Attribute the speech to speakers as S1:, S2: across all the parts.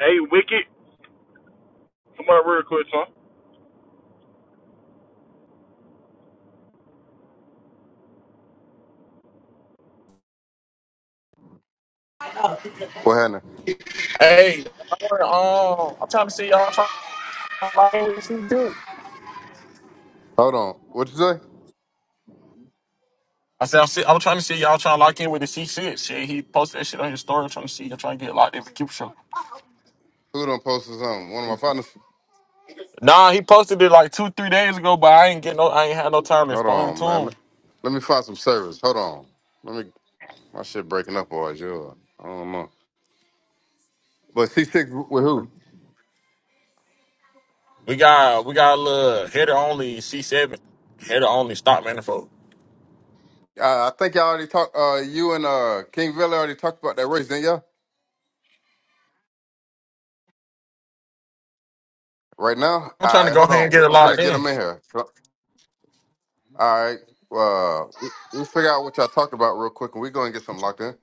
S1: Hey, Wicked, come on real quick, son.
S2: What happened?
S1: Hey, y'all, um, I'm trying to see y'all. Try-
S2: Hold on. What you say?
S1: I said, I'm, see- I'm trying to see y'all trying to lock in with the C shit. Shit, he posted that shit on his story. I'm trying to see y'all trying to get locked in for Cube Show.
S2: Who done posted something? One of my partners?
S1: Nah, he posted it like two, three days ago, but I ain't get no, I ain't had no time to
S2: Hold
S1: respond
S2: on,
S1: to
S2: man.
S1: him.
S2: Let, let me find some service. Hold on. Let me. My shit breaking up or is yours? I don't know. But C6 with who?
S1: We got, we got a little header only C7, header only stock manifold.
S2: Uh, I think y'all already talked. Uh, you and uh King Villa already talked about that race, didn't y'all? Right now.
S1: I'm
S2: All
S1: trying to
S2: right.
S1: go
S2: Hold
S1: ahead and get
S2: on.
S1: it
S2: I'm
S1: locked
S2: finna get them
S1: in.
S2: in here. So- All right. Uh, we, we'll figure out what y'all talked about real quick, and we go and get something locked in.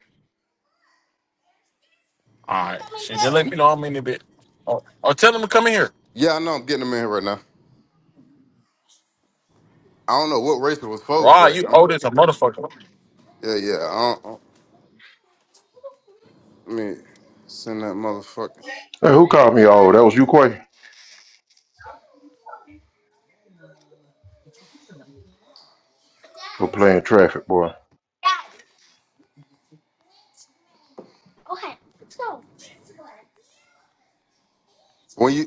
S1: All right, shit, just let me know I'm in a bit. Oh, oh, tell him to come in here.
S2: Yeah, I know. I'm getting them in here right now. I don't know what race it was for,
S1: Rod,
S2: but
S1: you
S2: I'm.
S1: owe this a motherfucker.
S2: Yeah, yeah. I don't. Let me send that motherfucker.
S3: Hey, who called me old? That was you, Quay? For playing traffic, boy.
S2: When you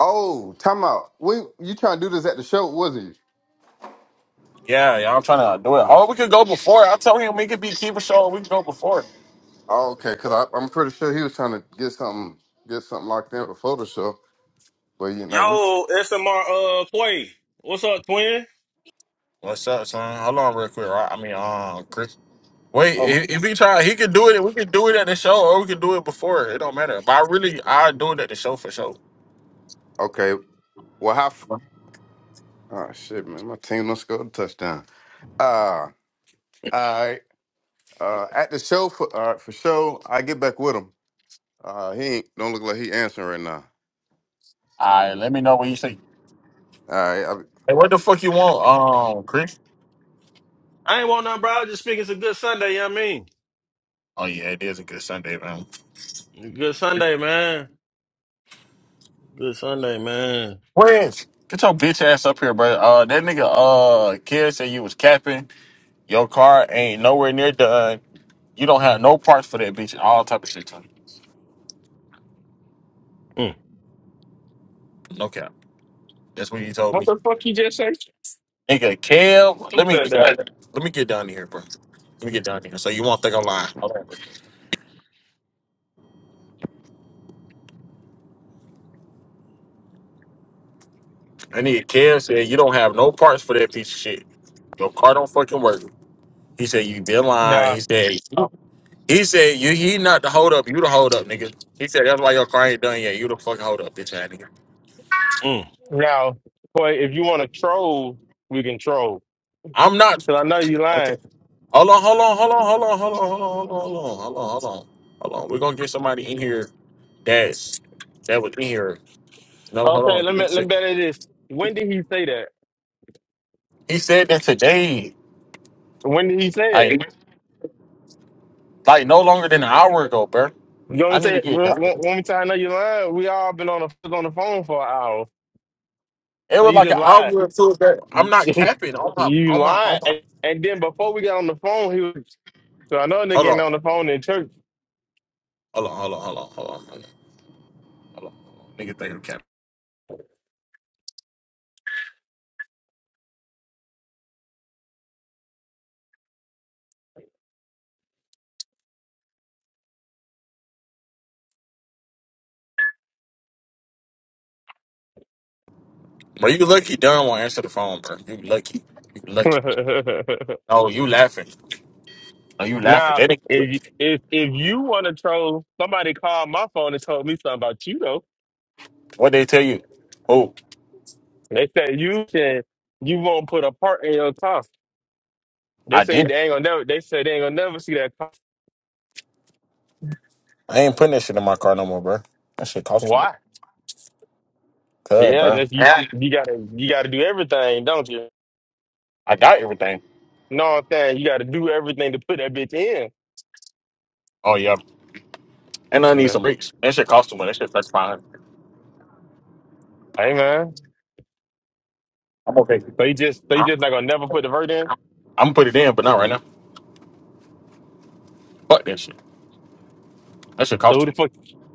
S2: oh, time out. We you trying to do this at the show, was he?
S1: Yeah, yeah, I'm trying to do it. Oh, we could go before. I tell him we could be keeper show. We could go before.
S2: Oh, okay, cause I, I'm pretty sure he was trying to get something get something locked in before the show. But you know, we
S4: Yo, SMR uh Quay. What's up, twin?
S1: What's up, son? Hold on, real quick. Right? I mean, uh, Chris. Wait,
S4: Oh my!
S1: if, if he try, he could do it. We could do it at the show, or we could do it before. It don't matter. But I really, I do it at the show for sure.
S2: okay. Well, how? f-
S1: All
S2: Oh shit, man, my team don't score the touchdown. Uh, all right. Uh, at the show for all right, for show, I get back with him. Uh, he ain't, don't look like he answering right
S1: right, let me know what you think.
S2: now. All right.
S1: Hey, what the fuck you want, um, Chris?
S4: I ain't want nothing, bro. I was just speaking it's a good Sunday, you know what I
S1: Oh yeah, it is a good Sunday, man.
S4: mean? Good Sunday, man. Good Sunday, man.
S1: Chris, get your bitch ass up here, bro. Uh, that nigga, uh, kid said you was capping. Your car ain't nowhere near done. You don't have no parts for that bitch. and All type of shit.
S4: Mm,
S1: No cap. that's what you told
S5: What
S1: me.
S5: the fuck you just said?
S1: Nigga, Kel, let
S5: Don't
S1: me
S5: play that.
S1: let me get down here, bro. Let me get down here. So you won't think I'm lying. I need Kel said you don't have no parts for that piece of shit. Your car don't fucking work. He said you been lying.
S5: Nah,
S1: He said he said you he not the hold up. You the hold up, nigga. He said that's why your car ain't done yet. You the fucking hold up, bitch ass nigga.
S4: mm.
S5: now, boy, if you want to troll, we can troll.
S1: I'm not.
S5: Cause I know you
S1: Okay.
S5: lying.
S1: Hold on, hold on, hold on, hold on, hold on, hold on, hold on, hold on, hold on, hold on. Hold on. We're gonna get somebody in here that's that was in here. No, hold on.
S5: Okay, let
S1: Give
S5: me
S1: me a
S5: let
S1: second.
S5: me bet it this. When did he say that?
S1: He said that today,
S5: When did he say it?
S1: like like no longer than an hour ago, bro.
S5: You want
S1: I
S5: me
S1: need to
S5: to tell-
S1: get
S5: want, want,
S1: done.
S5: want me to? tell you I know you lying. We all been on the on the phone for an hour,
S1: It
S5: so
S1: was
S5: you
S1: like
S5: just
S1: an hour
S5: lied.
S1: or two ago. I'm not capping on my
S5: you
S1: on my on
S5: lied,
S1: my.
S5: and, and then before we got on the phone, he was. So I know a
S1: Hold
S5: nigga ain't
S1: on,
S5: on the phone in church.
S1: hold on, hold on, hold on, hold on, hold on, hold on. Nigga, think I'm capping. Bro, you lucky Dunn won't answer the phone, bro. You lucky, you lucky. No, you laughing? Oh, you laughing?
S5: Now,
S1: They
S5: if you-
S1: didn't,
S5: if if you want to troll, somebody called my phone and told me something about you though.
S1: what they tell you? Oh,
S5: They said you said you won't put a part in your car. They
S1: I
S5: say
S1: didn't.
S5: they ain't gonna never. They said they ain't gonna never see that car.
S1: I ain't putting that shit in my car no more, bro. That shit cost too much.
S5: Why?
S1: Good,
S5: Yeah,
S1: bro.
S5: just you.
S1: Yeah.
S5: You gotta you gotta do everything, don't you?
S1: I got everything.
S5: No, I'm saying you gotta do everything to put that bitch in.
S1: Oh yeah, and I need some
S5: Yeah.
S1: bricks. That shit cost too much. That shit thirty five hundred.
S5: Hey man,
S1: I'm gonna take it.
S5: so you just so you
S1: I-
S5: just not gonna never put the vert in.
S1: I'm gonna put it in, but not right now. Fuck that shit. That shit
S5: So who
S1: cost
S5: the
S1: you.
S5: fuck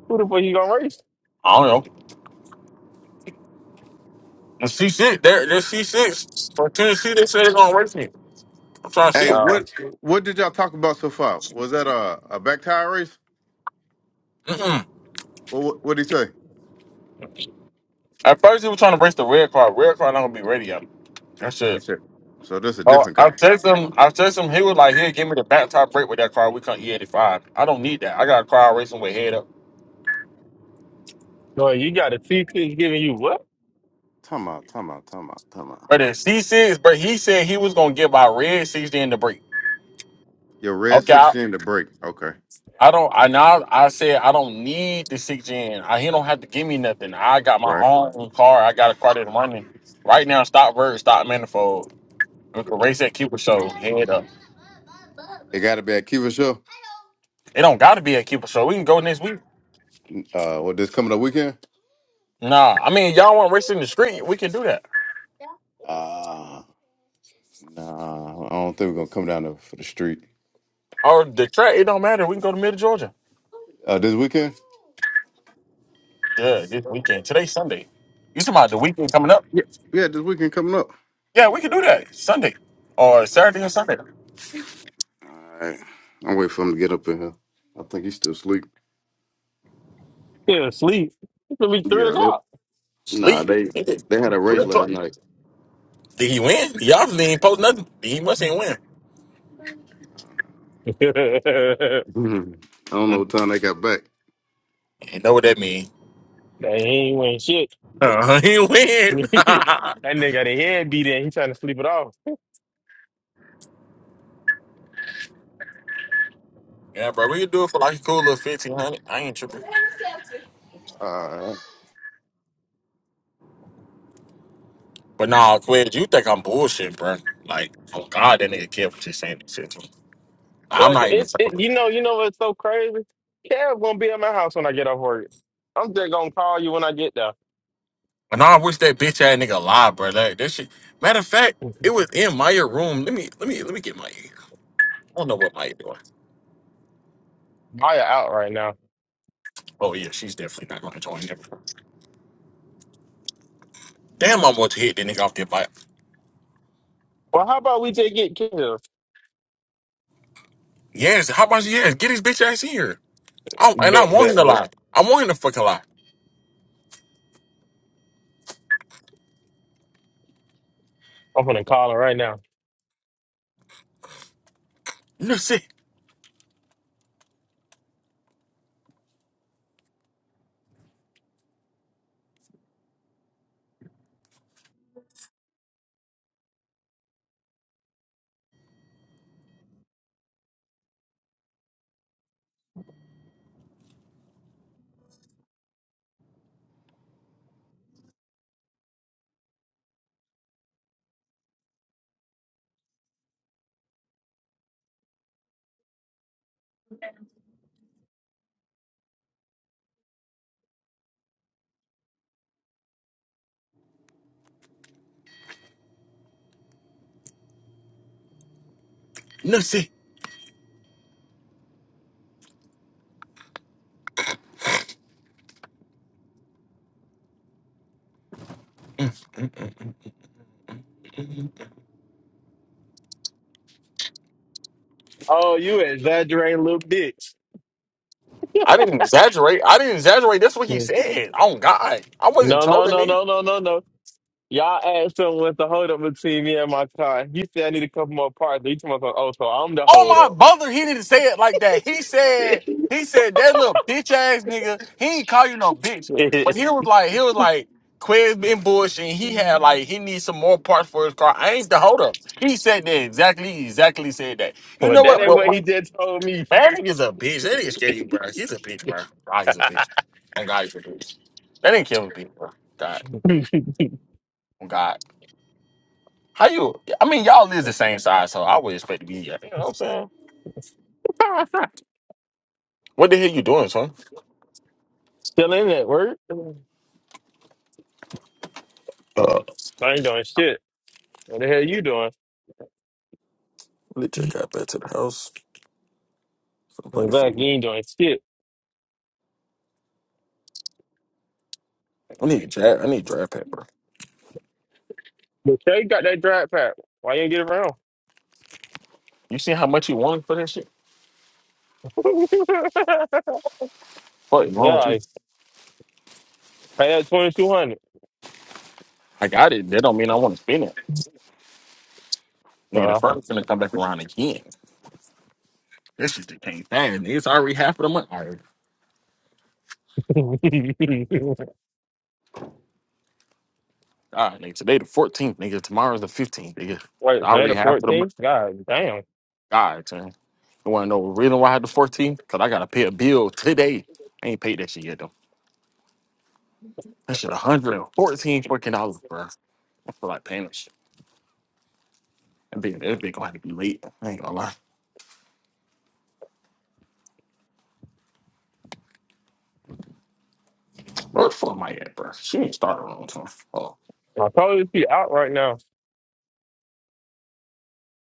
S5: who the fuck you gonna race?
S1: I don't know. The C six, there, there's C six For Tennessee, they said they're gonna race me. I'm trying
S2: I,
S1: to
S2: hey,
S1: see.
S5: Uh,
S2: what what did y'all talk about so far? Was that a a back tire race?
S1: Mm-mm.
S2: What what did he say?
S1: At first, he was trying to race the red car. Red car not gonna be ready yet. That
S2: You
S1: shit.
S2: said so. That's a
S1: Oh,
S2: different
S1: I
S2: guy.
S1: text him. I text him. He was like, "Here, give me the back top brake with that car. We come E85. I don't need that. I got a car racing with head up."
S5: no, you got a C T giving you what?
S2: Time out. Time out. Time out. Time out.
S1: But the C6, but he said he was gonna get my red 60 in the brake.
S2: Your red
S1: Okay,
S2: sixteen to break. Okay.
S1: I don't. I now I said I don't need the six gen. I, he don't have to give me nothing. I got my
S2: Right.
S1: own car. I got a car that's running right now. Stock bird, stock manifold. We can race at Cooper Show. Head up.
S2: It got to be at Kiva show.
S1: It don't got to be at Cooper Show. We can go next week.
S2: Uh, what this coming up weekend?
S1: Nah, I mean y'all want racing the street? We can do that.
S2: Uh nah. I don't think we're gonna come down there for the street.
S1: Or the track? It don't matter. We can go to Middle Georgia.
S2: Uh, this weekend?
S1: Yeah, this weekend. Today's Sunday. You talking about the weekend coming up?
S2: Yeah. Yeah, this weekend coming up.
S1: Yeah, we can do that Sunday or Saturday or Sunday.
S2: All right. I'm waiting for him to get up in here. I think he's still asleep.
S5: Yeah, asleep? It's gonna be three
S2: Yeah. They.
S5: o'clock.
S2: Nah.
S1: Sleep.
S2: They. They had a
S1: Three
S2: race last
S1: o'clock.
S2: night.
S1: Did he win? The officer didn't post nothing. He must ain't win.
S5: that
S2: I don't know what
S1: Mm.
S2: time they got back.
S1: You know what that mean?
S5: ain't win shit.
S1: Uh, he win.
S5: that nigga got a head beat in. He trying to sleep it off.
S1: yeah, bro, we could do it for like a cool little fifteen hundred. I ain't tripping. But nah, Quid, you think I'm bullshit, bro? Like, oh God, that nigga kept just saying that shit to him. I'm
S5: But
S1: not even
S5: it's it,
S1: talking.
S5: you know you know what's so crazy? Kev gonna be at my house when I get off work. I'm just gonna call you when I get there.
S1: But nah, I wish that bitch ass nigga alive, bro. Like, that shit. Matter of fact, it was in Maya room. Let me, let me, let me get Maya. I don't know what Maya doing.
S5: Maya out right now.
S1: Oh yeah, she's definitely not gonna join. Never. Damn, I'm about to hit that nigga off the bike.
S5: Well, how about we just get killed?
S1: Yes, how about yes? Get his bitch ass here. I, and I
S5: Bet,
S1: want him
S5: bet,
S1: to
S5: bet.
S1: lie. I want him to fucking lie.
S5: I'm gonna call her right now.
S1: No see, no see.
S5: Oh, you exaggerating little bitch.
S1: I didn't exaggerate. I didn't exaggerate. That's what he said. Oh God, I wasn't
S5: No, no,
S1: trolling
S5: no,
S1: nigga.
S5: no, no, no, no. Y'all asked him what's the hold up between me and my car. He said I need a couple more parts. He told me, oh, so I'm the
S1: Oh
S5: hold
S1: my
S5: up.
S1: mother, he didn't say it like that. He said, he said that little bitch ass nigga. He ain't call you no bitch,
S5: but
S1: but he was like, he was like, Quiz been bullshit. And He had like he needs some more parts for his car. I ain't the holder. He said that exactly. He Exactly said that. You know
S5: that
S1: what?
S5: ain't what
S1: Well,
S5: he just told me.
S1: That nigga's a bitch. That nigga's scared of you, bro. He's a bitch, bro. God, he's a bitch. On God, he's a bitch. That didn't kill a bitch, bro. God. On God. How you? I mean, y'all is the same size, so I would expect to be. You know what I'm saying? What the hell you doing, son?
S5: Still in that work? I ain't doing shit. What the hell you doing?
S1: Legit, goes for play
S5: I'm
S1: the
S5: fact, you
S1: food.
S5: ain't doing shit.
S1: I need a jab. I need a draft pack, bro.
S5: But Shay got that drag pack. Why you ain't get around?
S1: You see how much you wanted for that shit? Fuck, is
S5: yeah,
S1: wrong with you?
S5: I paid that twenty two hundred.
S1: I got it. That don't mean I want to spend it. Nigga, the
S5: Uh,
S1: first gonna come back around again. This shit just came fast. Nigga, it's already half of the month. All right. God, nigga, today the 14th, nigga. Tomorrow's the 15th, nigga.
S5: Wait,
S1: I
S5: paid
S1: already
S5: a
S1: half of the month.
S5: fourteen? God damn.
S1: All right, man. You want to know the reason why I had the 14? Because I got to pay a bill today. I ain't paid that shit yet, though. That shit 114 fucking dollars, bro. I feel like paying that shit. That bitch, that bitch gonna have to be late. I ain't gonna lie. Where the fuck am I at, bro? She ain't started on time. Oh.
S5: I probably be out right now.